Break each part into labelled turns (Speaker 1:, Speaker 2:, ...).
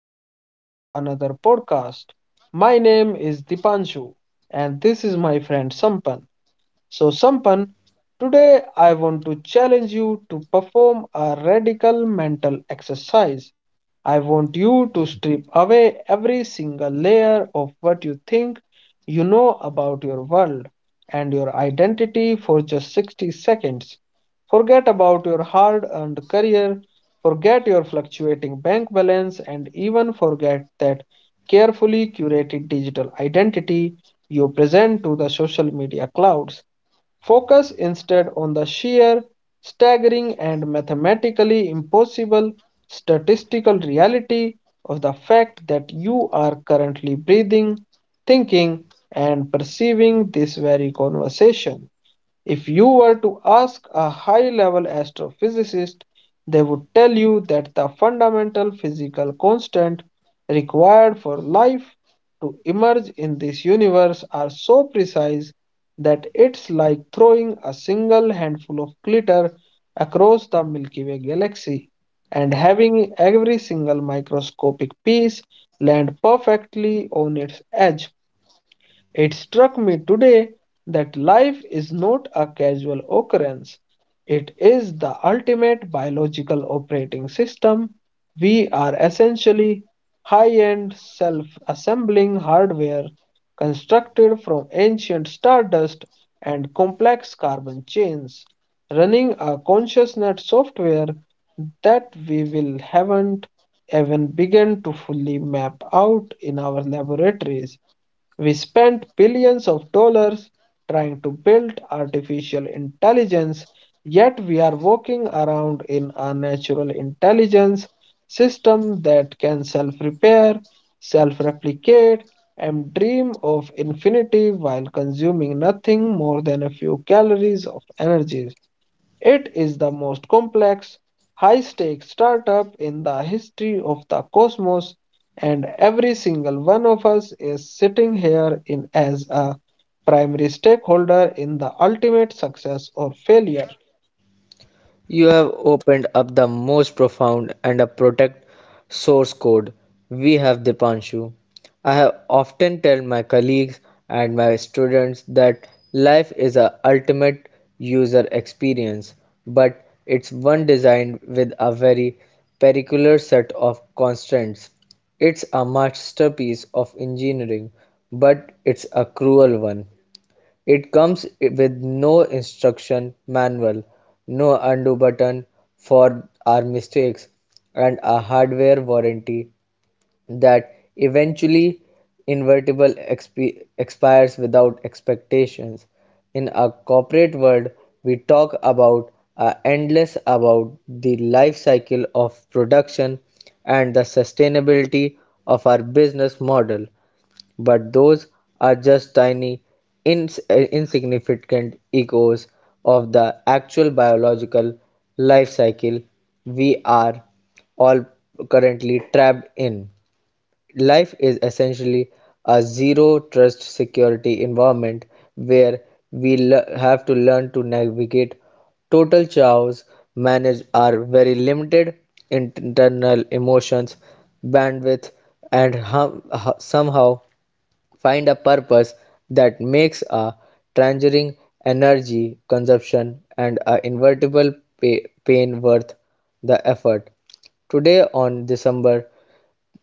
Speaker 1: welcome to another podcast. My name is Dipanshu, and this is my friend Sampan. So, Sampan, today I want to challenge you to perform a radical mental exercise. I want you to strip away every single layer of what you think you know about your world and your identity for just 60 seconds. Forget about your hard earned career, forget your fluctuating bank balance, and even forget that carefully curated digital identity you present to the social media clouds. Focus instead on the sheer, staggering, and mathematically impossible statistical reality of the fact that you are currently breathing, thinking, and perceiving this very conversation. If you were to ask a high level astrophysicist, they would tell you that the fundamental physical constant required for life to emerge in this universe are so precise that it's like throwing a single handful of glitter across the Milky Way galaxy and having every single microscopic piece land perfectly on its edge. It struck me today that life is not a casual occurrence. It is the ultimate biological operating system. We are essentially high end self assembling hardware constructed from ancient stardust and complex carbon chains, running a consciousness software that we will haven't even begun to fully map out in our laboratories. We spent billions of dollars trying to build artificial intelligence, yet we are walking around in a natural intelligence system that can self repair, self replicate, and dream of infinity while consuming nothing more than a few calories of energy. It is the most complex, high stakes startup in the history of the cosmos, and every single one of us is sitting here in as a primary stakeholder in the ultimate success or failure.
Speaker 2: You have opened up the most profound and a protect source code we have, Dipanshu. I have often tell my colleagues and my students that life is a ultimate user experience, but it's one designed with a very particular set of constraints. It's a masterpiece of engineering, but it's a cruel one. It comes with no instruction manual, no undo button for our mistakes, and a hardware warranty that eventually invertible expires without expectations. In a corporate world, we talk about endless about the life cycle of production and the sustainability of our business model. But those are just tiny, insignificant echoes of the actual biological life cycle we are all currently trapped in. Life is essentially a zero trust security environment where we have to learn to navigate total chaos, manage our very limited internal emotions, bandwidth, and somehow find a purpose that makes a tangerine energy consumption and a invertible pain worth the effort. Today, on December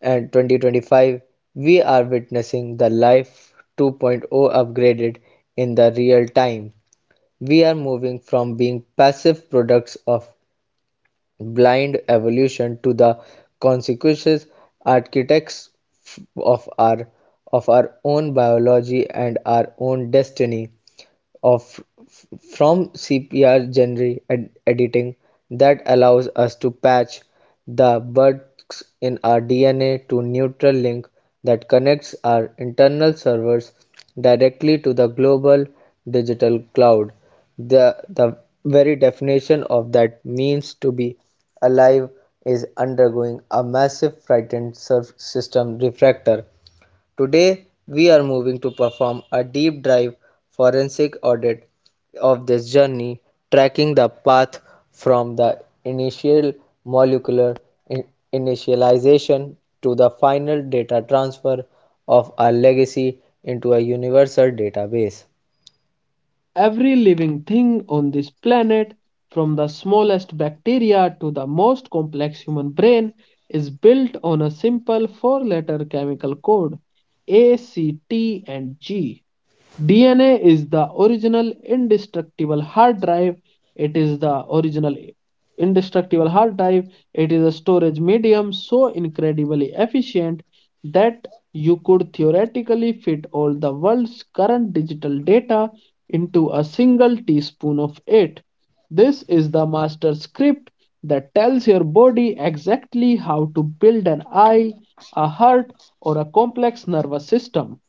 Speaker 2: and 2025, we are witnessing the Life 2.0 upgraded in the real time. We are moving from being passive products of blind evolution to the consequences architects of our of our own biology and our own destiny of from CPR genre editing that allows us to patch the bugs in our DNA to neutral link that connects our internal servers directly to the global digital cloud. The very definition of that means to be alive is undergoing a massive frightened surf system refractor. Today, we are moving to perform a deep dive forensic audit of this journey, tracking the path from the initial molecular in- initialization to the final data transfer of our legacy into a universal database.
Speaker 1: Every living thing on this planet, from the smallest bacteria to the most complex human brain, is built on a simple four letter chemical code ACT and G. DNA is the original indestructible hard drive. It is the original indestructible hard drive. It is a storage medium so incredibly efficient that you could theoretically fit all the world's current digital data into a single teaspoon of it. This is the master script that tells your body exactly how to build an eye, a heart, or a complex nervous system.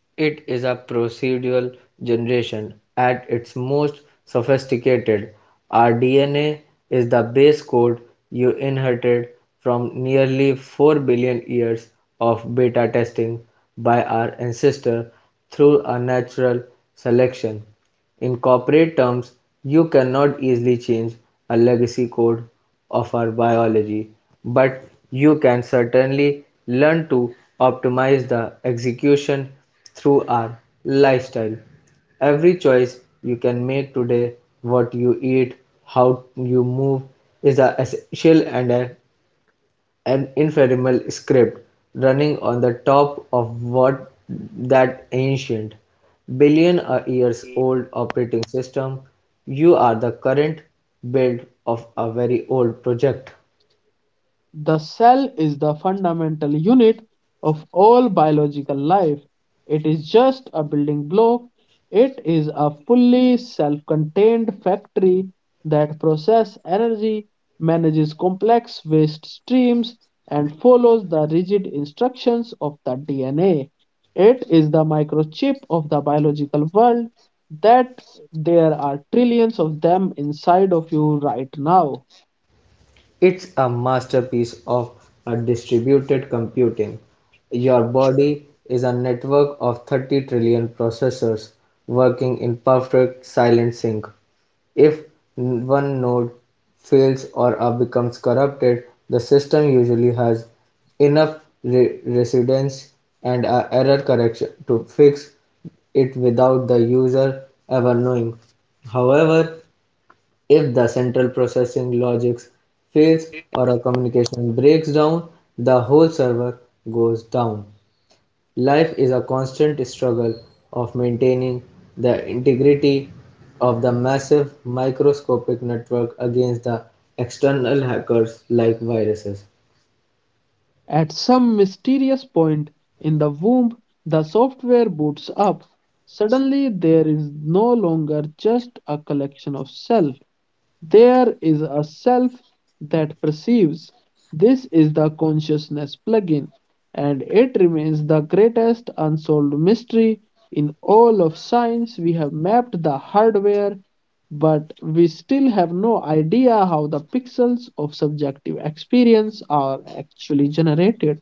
Speaker 2: It is a procedural generation at its most sophisticated. Our DNA is the base code you inherited from nearly 4 billion years of beta testing by our ancestors through a natural selection. In corporate terms, you cannot easily change a legacy code of our biology, but you can certainly learn to optimize the execution through our lifestyle. Every choice you can make today, what you eat, how you move, is an essential and a an infernal script running on the top of what that ancient, billion years old operating system, you are the current build of a very old project.
Speaker 1: The cell is the fundamental unit of all biological life. It is just a building block. It is a fully self contained factory that processes energy, manages complex waste streams, and follows the rigid instructions of the DNA. It is the microchip of the biological world that there are trillions of them inside of you right now.
Speaker 2: It's a masterpiece of a distributed computing. Your body is a network of 30 trillion processors working in perfect silent sync. If one node fails or becomes corrupted, the system usually has enough resilience and error correction to fix it without the user ever knowing. However, if the central processing logic fails or a communication breaks down, the whole server goes down. Life is a constant struggle of maintaining the integrity of the massive microscopic network against the external hackers like viruses.
Speaker 1: At some mysterious point in the womb, the software boots up. Suddenly, there is no longer just a collection of cells. There is a self that perceives. This is the consciousness plugin, and it remains the greatest unsolved mystery in all of science. We have mapped the hardware, but we still have no idea how the pixels of subjective experience are actually generated.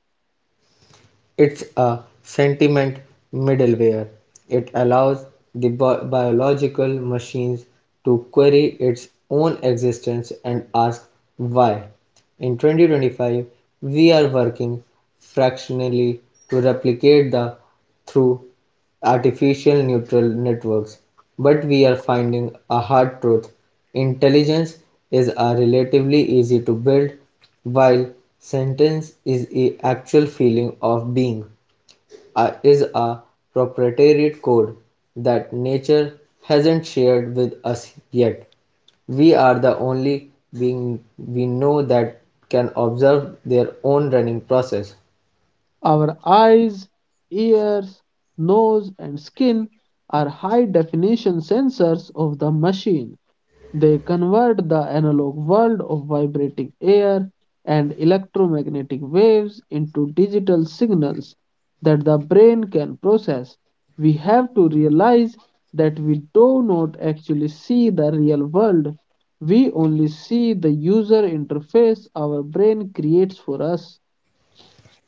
Speaker 2: It's a sentiment middleware. It allows the biological machines to query its own existence and ask why. In 2025, we are working fractionally to replicate the through artificial neural networks, but we are finding a hard truth. Intelligence is a relatively easy to build while sentience is the actual feeling of being, is a proprietary code that nature hasn't shared with us yet. We are the only being we know that can observe their own running process.
Speaker 1: Our eyes, ears, nose, and skin are high definition sensors of the machine. They convert the analog world of vibrating air and electromagnetic waves into digital signals that the brain can process. We have to realize that we do not actually see the real world, we only see the user interface our brain creates for us.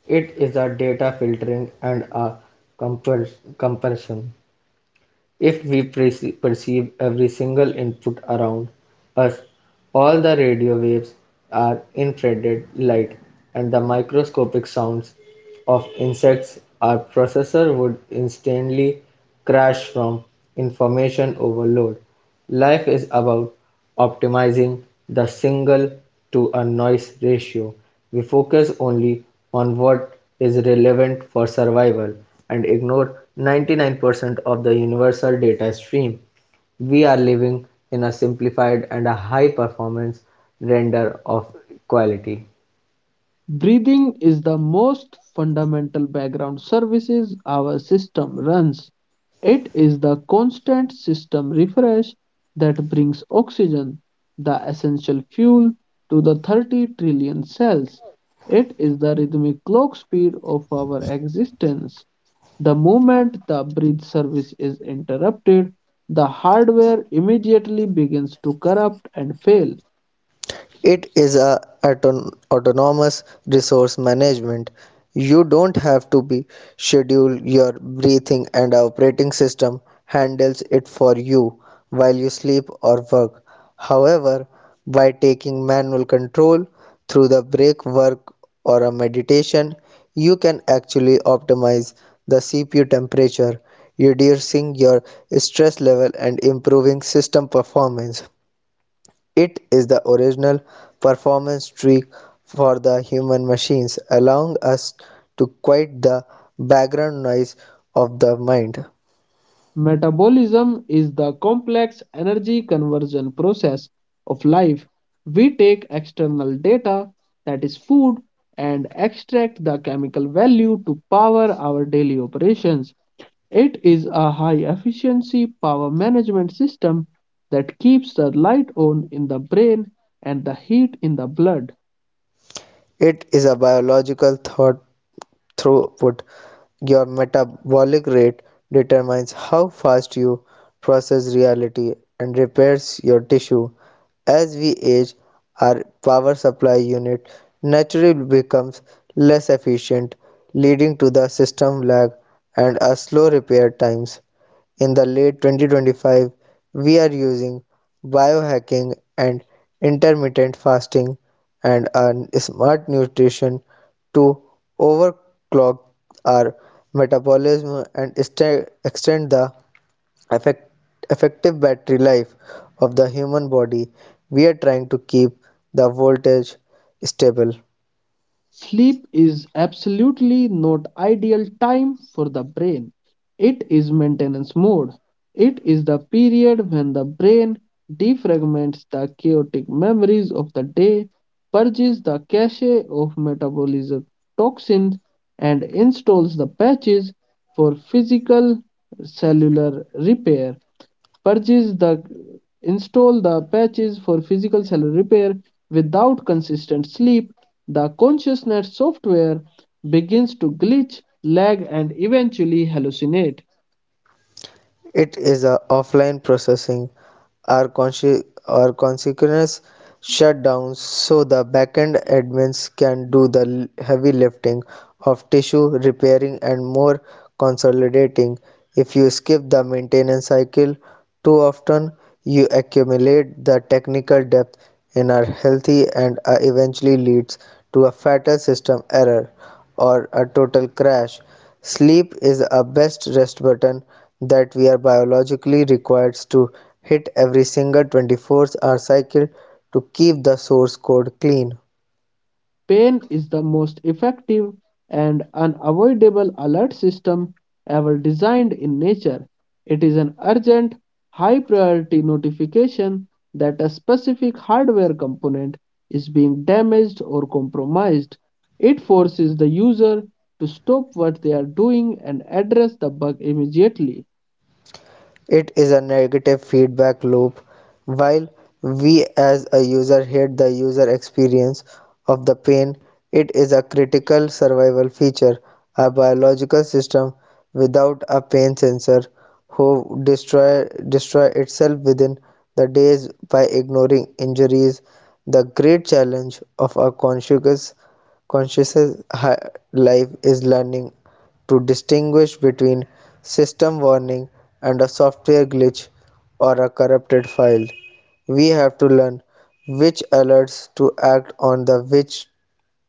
Speaker 2: It is a data filtering and a compul- compulsion. If we perceive every single input around us, all the radio waves are infrared light, and the microscopic sounds of insects, our processor would instantly crash from information overload. Life is about optimizing the signal to a noise ratio. We focus only on what is relevant for survival and ignore 99% of the universal data stream. We are living in a simplified and a high performance render of quality.
Speaker 1: Breathing is the most fundamental background services our system runs. It is the constant system refresh that brings oxygen, the essential fuel, to the 30 trillion cells. It is the rhythmic clock speed of our existence. The moment the breath service is interrupted, the hardware immediately begins to corrupt and fail.
Speaker 2: It is a autonomous resource management. You don't have to be schedule your breathing and our operating system handles it for you while you sleep or work. However, by taking manual control through the break work or a meditation, you can actually optimize the CPU temperature, reducing your stress level and improving system performance. It is the original performance trick for the human machines, allowing us to quiet the background noise of the mind.
Speaker 1: Metabolism is the complex energy conversion process of life. We take external data, that is food, and extract the chemical value to power our daily operations. It is a high efficiency power management system that keeps the light on in the brain and the heat in the blood.
Speaker 2: It is a biological thought throughput. Your metabolic rate determines how fast you process reality and repairs your tissue. As we age, our power supply unit naturally becomes less efficient, leading to the system lag and a slow repair times. In the late 2025, we are using biohacking and intermittent fasting and smart nutrition to overclock our metabolism and extend the effect- effective battery life of the human body. We are trying to keep the voltage stable.
Speaker 1: Sleep is absolutely not ideal time for the brain. It is maintenance mode. It is the period when the brain defragments the chaotic memories of the day, purges the cache of metabolism toxins, and installs the patches for physical cellular repair. Purchase the install the patches for physical cell repair Without consistent sleep, the consciousness software begins to glitch, lag, and eventually hallucinate.
Speaker 2: It is a offline processing or, consequence shutdowns so the backend admins can do the heavy lifting of tissue repairing and more consolidating. If you skip the maintenance cycle too often, you accumulate the technical debt in our healthy and eventually leads to a fatal system error or a total crash. Sleep is a best rest button that we are biologically required to hit every single 24-hour cycle to keep the source code clean.
Speaker 1: Pain is the most effective and unavoidable alert system ever designed in nature. It is an urgent, high priority notification that a specific hardware component is being damaged or compromised. It forces the user to stop what they are doing and address the bug immediately.
Speaker 2: It is a negative feedback loop. While we as a user hate the user experience of the pain, it is a critical survival feature. A biological system without a pain sensor who destroy itself within the days by ignoring injuries. The great challenge of a conscious life is learning to distinguish between system warning and a software glitch or a corrupted file. We have to learn which alerts to act on the which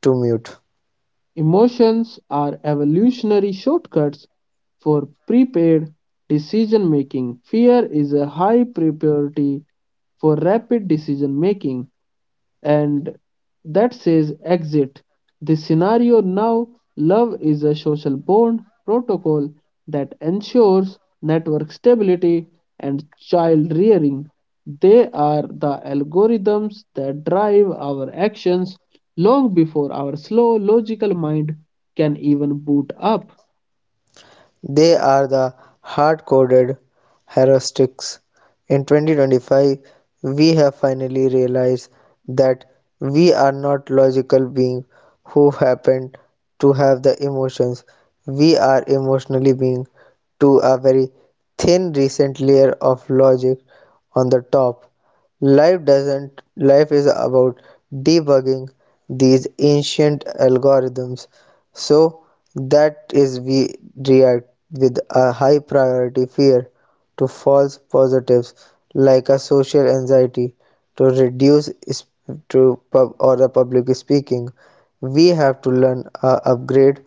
Speaker 2: to mute.
Speaker 1: Emotions are evolutionary shortcuts for prepared decision making. Fear is a high priority for rapid decision making and that says exit. This scenario now, love is a social bond protocol that ensures network stability and child rearing. They are the algorithms that drive our actions long before our slow logical mind can even boot up.
Speaker 2: They are the hard-coded heuristics. In 2025, we have finally realized that we are not logical beings who happen to have the emotions. We are emotionally beings to a very thin recent layer of logic on the top. Life doesn't Life is about debugging these ancient algorithms so that is we react with a high priority fear to false positives like a social anxiety to reduce to pub or the public speaking. We have to learn upgrade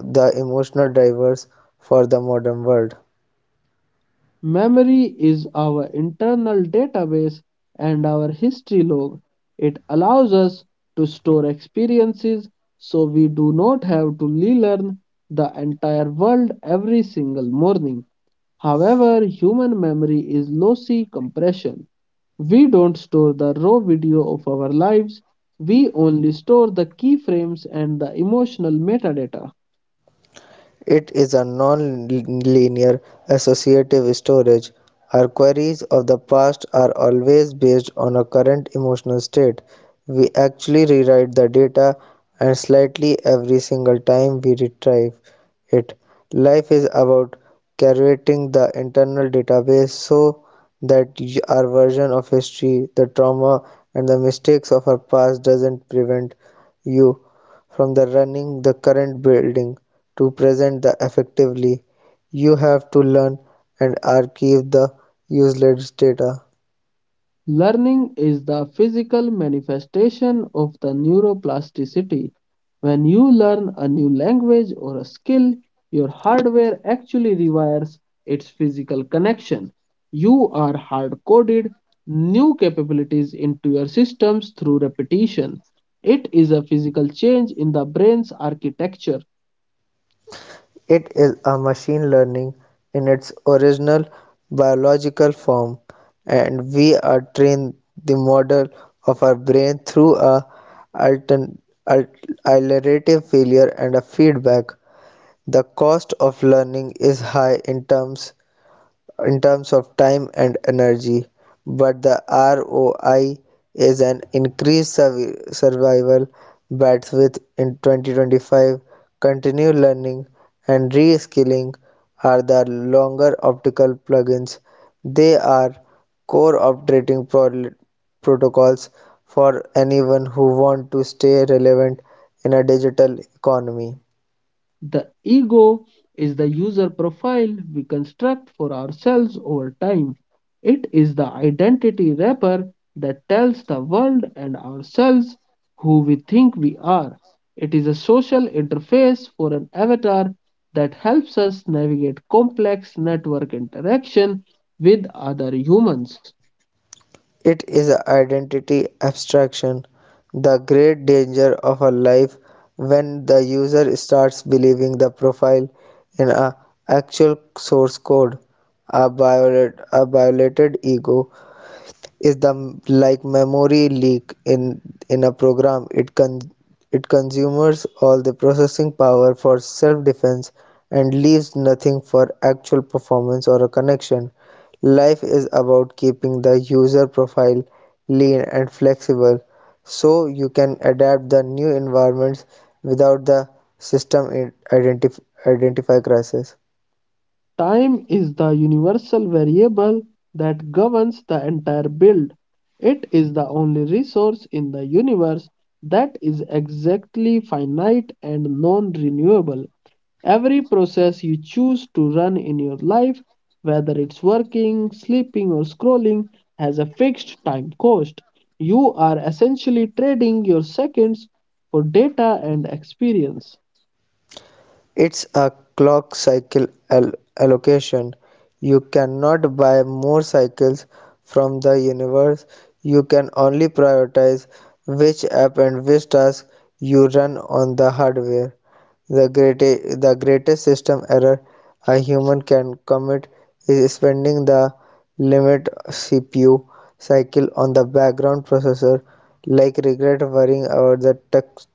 Speaker 2: the emotional drivers for the modern world.
Speaker 1: Memory is our internal database and our history log. It allows us to store experiences so we do not have to relearn the entire world every single morning. However, human memory is lossy compression. We don't store the raw video of our lives, we only store the keyframes and the emotional metadata.
Speaker 2: It is a non-linear associative storage. Our queries of the past are always based on a current emotional state. We actually rewrite the data and slightly every single time we retrieve it. Life is about curating the internal database so that our version of history, the trauma, and the mistakes of our past doesn't prevent you from the running the current building to present the effectively, you have to learn and archive the useless data.
Speaker 1: Learning is the physical manifestation of the neuroplasticity. When you learn a new language or a skill, your hardware actually rewires its physical connection. You are hard coded new capabilities into your systems through repetition. It is a physical change in the brain's architecture.
Speaker 2: It is a machine learning in its original biological form, and we are trained the model of our brain through a altern- al- iterative failure and a feedback. The cost of learning is high in terms of time and energy, but the ROI is an increased survival bandwidth in 2025. Continued learning and reskilling are the longer optical plugins. They are core operating protocols for anyone who wants to stay relevant in a digital economy.
Speaker 1: The ego is the user profile we construct for ourselves over time. It is the identity wrapper that tells the world and ourselves who we think we are. It is a social interface for an avatar that helps us navigate complex network interaction with other humans.
Speaker 2: It is an identity abstraction, the great danger of a life when the user starts believing the profile in a actual source code, a, violet, a violated ego, is the like memory leak in a program. It consumes all the processing power for self defense and leaves nothing for actual performance or a connection. Life is about keeping the user profile lean and flexible so you can adapt the new environments without the system identify crisis.
Speaker 1: Time is the universal variable that governs the entire build. It is the only resource in the universe that is exactly finite and non renewable. Every process you choose to run in your life, whether it's working, sleeping, or scrolling, has a fixed time cost. You are essentially trading your seconds for data and experience.
Speaker 2: It's a clock cycle allocation. You cannot buy more cycles from the universe. You can only prioritize which app and which task you run on the hardware. The greatest system error a human can commit is spending the limit CPU cycle on the background processor, like regret worrying about the text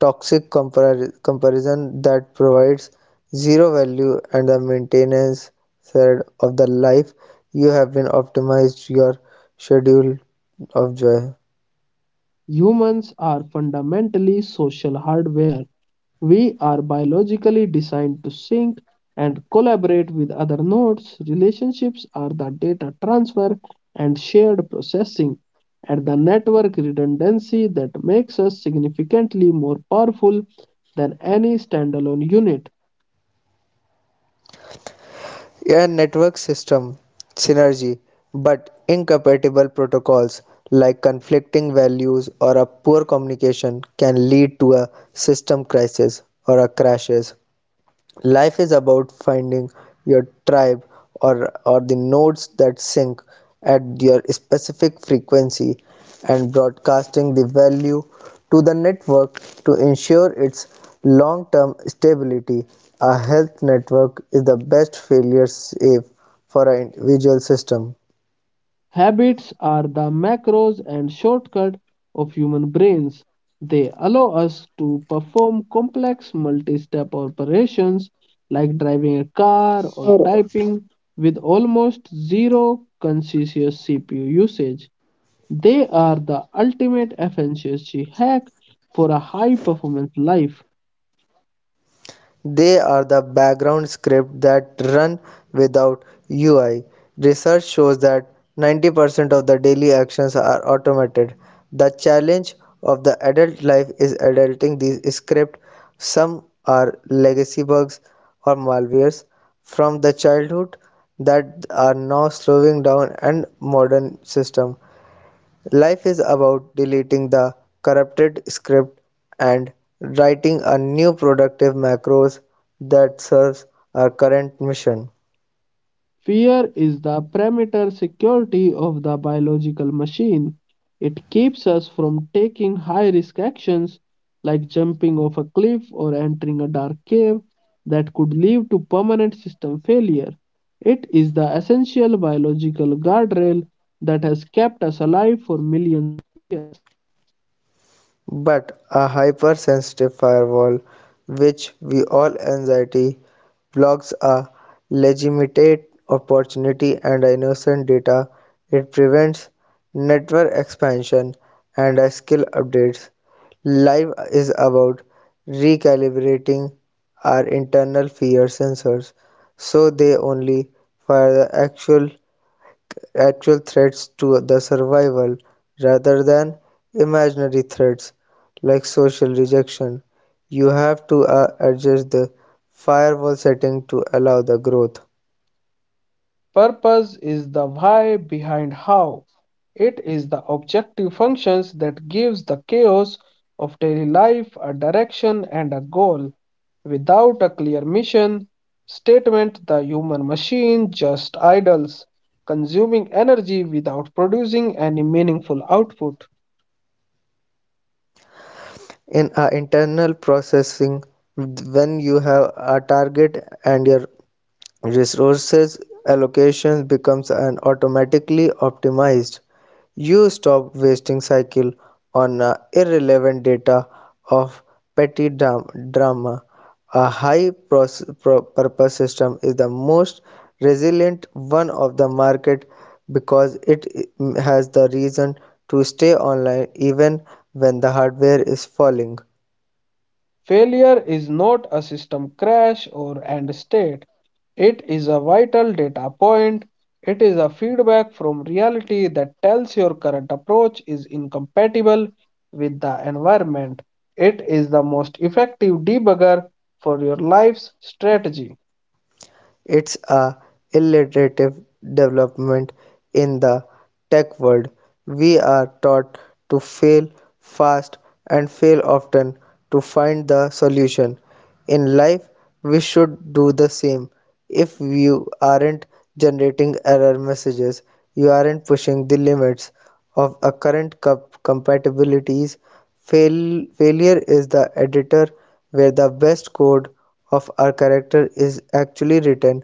Speaker 2: toxic comparison that provides zero value and the maintenance thread of the life you have been optimized your schedule of joy.
Speaker 1: Humans are fundamentally social hardware. We are biologically designed to sync and collaborate with other nodes. Relationships are the data transfer and shared processing and the network redundancy that makes us significantly more powerful than any standalone unit.
Speaker 2: A network system synergy, but incompatible protocols like conflicting values or a poor communication can lead to a system crisis or a crashes. Life is about finding your tribe or the nodes that sync at your specific frequency and broadcasting the value to the network to ensure its long term stability. A health network is the best failure safe for an individual system.
Speaker 1: Habits are the macros and shortcut of human brains. They allow us to perform complex multi-step operations like driving a car or typing with almost zero conscious CPU usage. They are the ultimate efficiency hack for a high-performance life.
Speaker 2: They are the background scripts that run without UI. Research shows that 90% of the daily actions are automated. The challenge of the adult life is adapting these scripts. Some are legacy bugs or malwares from the childhood that are now slowing down and modern system. Life is about deleting the corrupted script and writing a new productive macros that serves our current mission.
Speaker 1: Fear is the perimeter security of the biological machine. It keeps us from taking high risk actions like jumping off a cliff or entering a dark cave that could lead to permanent system failure. It is the essential biological guardrail that has kept us alive for millions.
Speaker 2: But a hypersensitive firewall, which we all anxiety, blocks a legitimate opportunity and innocent data. It prevents network expansion and skill updates. Live is about recalibrating our internal fear sensors so they only fire the actual threats to the survival rather than imaginary threats like social rejection. You have to adjust the firewall setting to allow the growth.
Speaker 1: Purpose is the why behind how. It is the objective functions that gives the chaos of daily life a direction and a goal. Without a clear mission statement, the human machine just idles, consuming energy without producing any meaningful output.
Speaker 2: In internal processing, when you have a target and your resources allocation becomes an automatically optimized. You stop wasting cycle on irrelevant data of petty drama. A high purpose system is the most resilient one of the market because it has the reason to stay online even when the hardware is falling.
Speaker 1: Failure is not a system crash or end state. It is a vital data point. It is a feedback from reality that tells your current approach is incompatible with the environment. It is the most effective debugger for your life's strategy.
Speaker 2: It's a iterative development in the tech world. We are taught to fail fast and fail often to find the solution. In life, we should do the same. If you aren't generating error messages, you aren't pushing the limits of a current cup compatibilities. Failure is the editor where the best code of our character is actually written.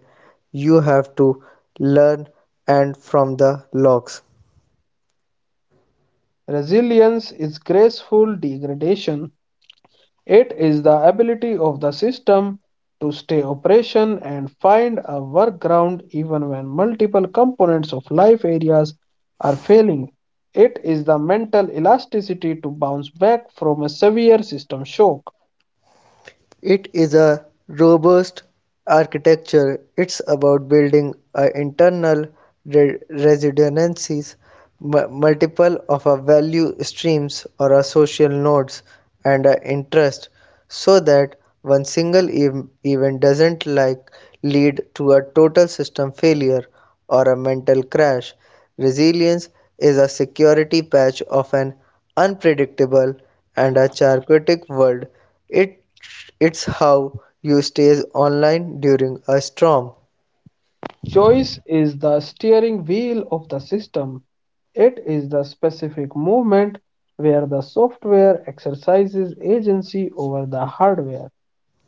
Speaker 2: You have to learn and from the logs.
Speaker 1: Resilience is graceful degradation. It is the ability of the system to stay operation and find a workaround even when multiple components of life areas are failing. It is the mental elasticity to bounce back from a severe system shock.
Speaker 2: It is a robust architecture. It's about building a internal resonances, multiple of a value streams or a social nodes and a interest, so that one single event doesn't like lead to a total system failure or a mental crash. Resilience is a security patch of an unpredictable and a chaotic world. It, it's how you stays online during a storm.
Speaker 1: Choice is the steering wheel of the system. It is the specific movement where the software exercises agency over the hardware.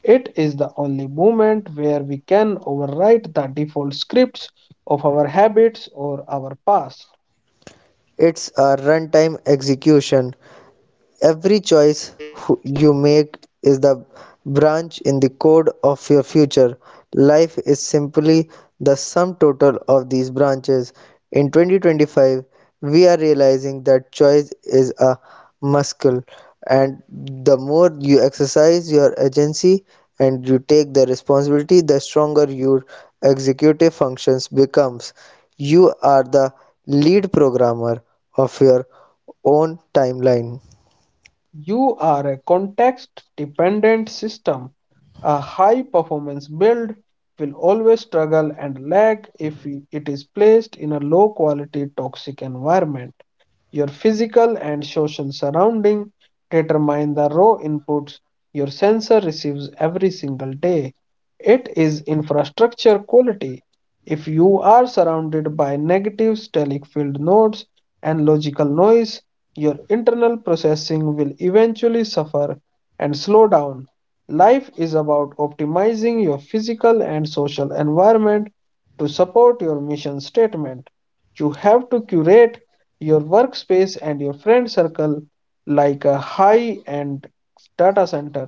Speaker 1: It is the only moment where we can overwrite the default scripts of our habits or our past.
Speaker 2: It's a runtime execution. Every choice you make is the branch in the code of your future. Life is simply the sum total of these branches. In 2025, we are realizing that choice is a muscle, and the more you exercise your agency and you take the responsibility, the stronger your executive functions becomes. You are the lead programmer of your own timeline.
Speaker 1: You are a context dependent system. A high performance build will always struggle and lag if it is placed in a low quality toxic environment. Your physical and social surrounding determine the raw inputs your sensor receives every single day. It is infrastructure quality. If you are surrounded by negative stellic field nodes and logical noise, your internal processing will eventually suffer and slow down. Life is about optimizing your physical and social environment to support your mission statement. You have to curate your workspace and your friend circle like a high end data center.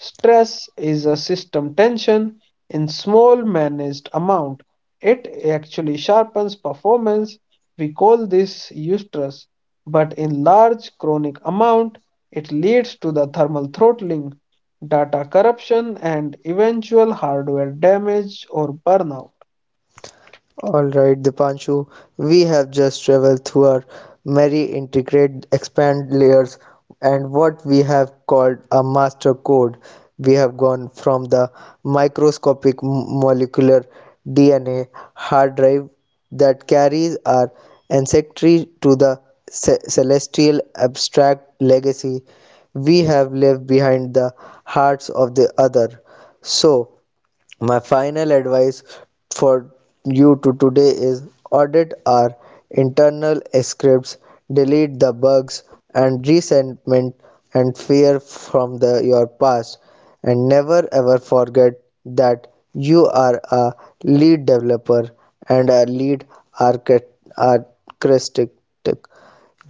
Speaker 1: Stress is a system tension in small managed amount. It actually sharpens performance. We call this eustress but in large chronic amount, it leads to the thermal throttling, data corruption, and eventual hardware damage or burnout.
Speaker 2: Alright, Dipanshu, we have just traveled through our merry integrate expand layers and what we have called a master code. We have gone from the microscopic molecular DNA hard drive that carries our ancestry to the celestial abstract legacy we have left behind the hearts of the other. So, my final advice for you to today is audit our internal scripts, delete the bugs and resentment and fear from your past, and never ever forget that you are a lead developer and a lead architect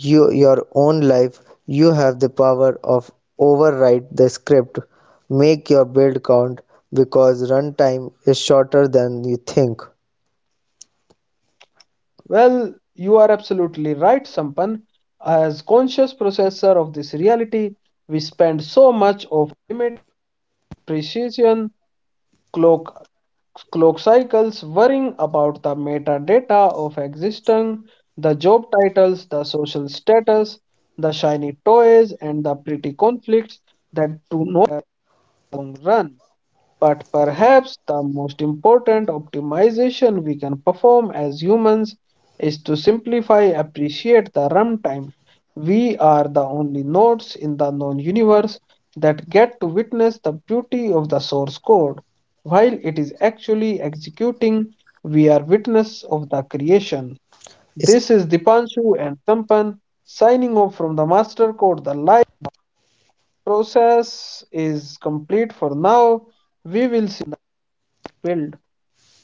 Speaker 2: you your own life. You have the power of overwrite the script. Make your build count, because runtime is shorter than you think.
Speaker 1: Well, you are absolutely right, Sampan. As conscious processor of this reality, we spend so much of precision, clock clock cycles, worrying about the metadata of existing, the job titles, the social status, the shiny toys, and the pretty conflicts that do no long run. But perhaps the most important optimization we can perform as humans is to simply appreciate the runtime. We are the only nodes in the known universe that get to witness the beauty of the source code. While it is actually executing, we are witness of the creation. This is Dipanshu and Sampan signing off from the master code. The live process is complete for now. We will build.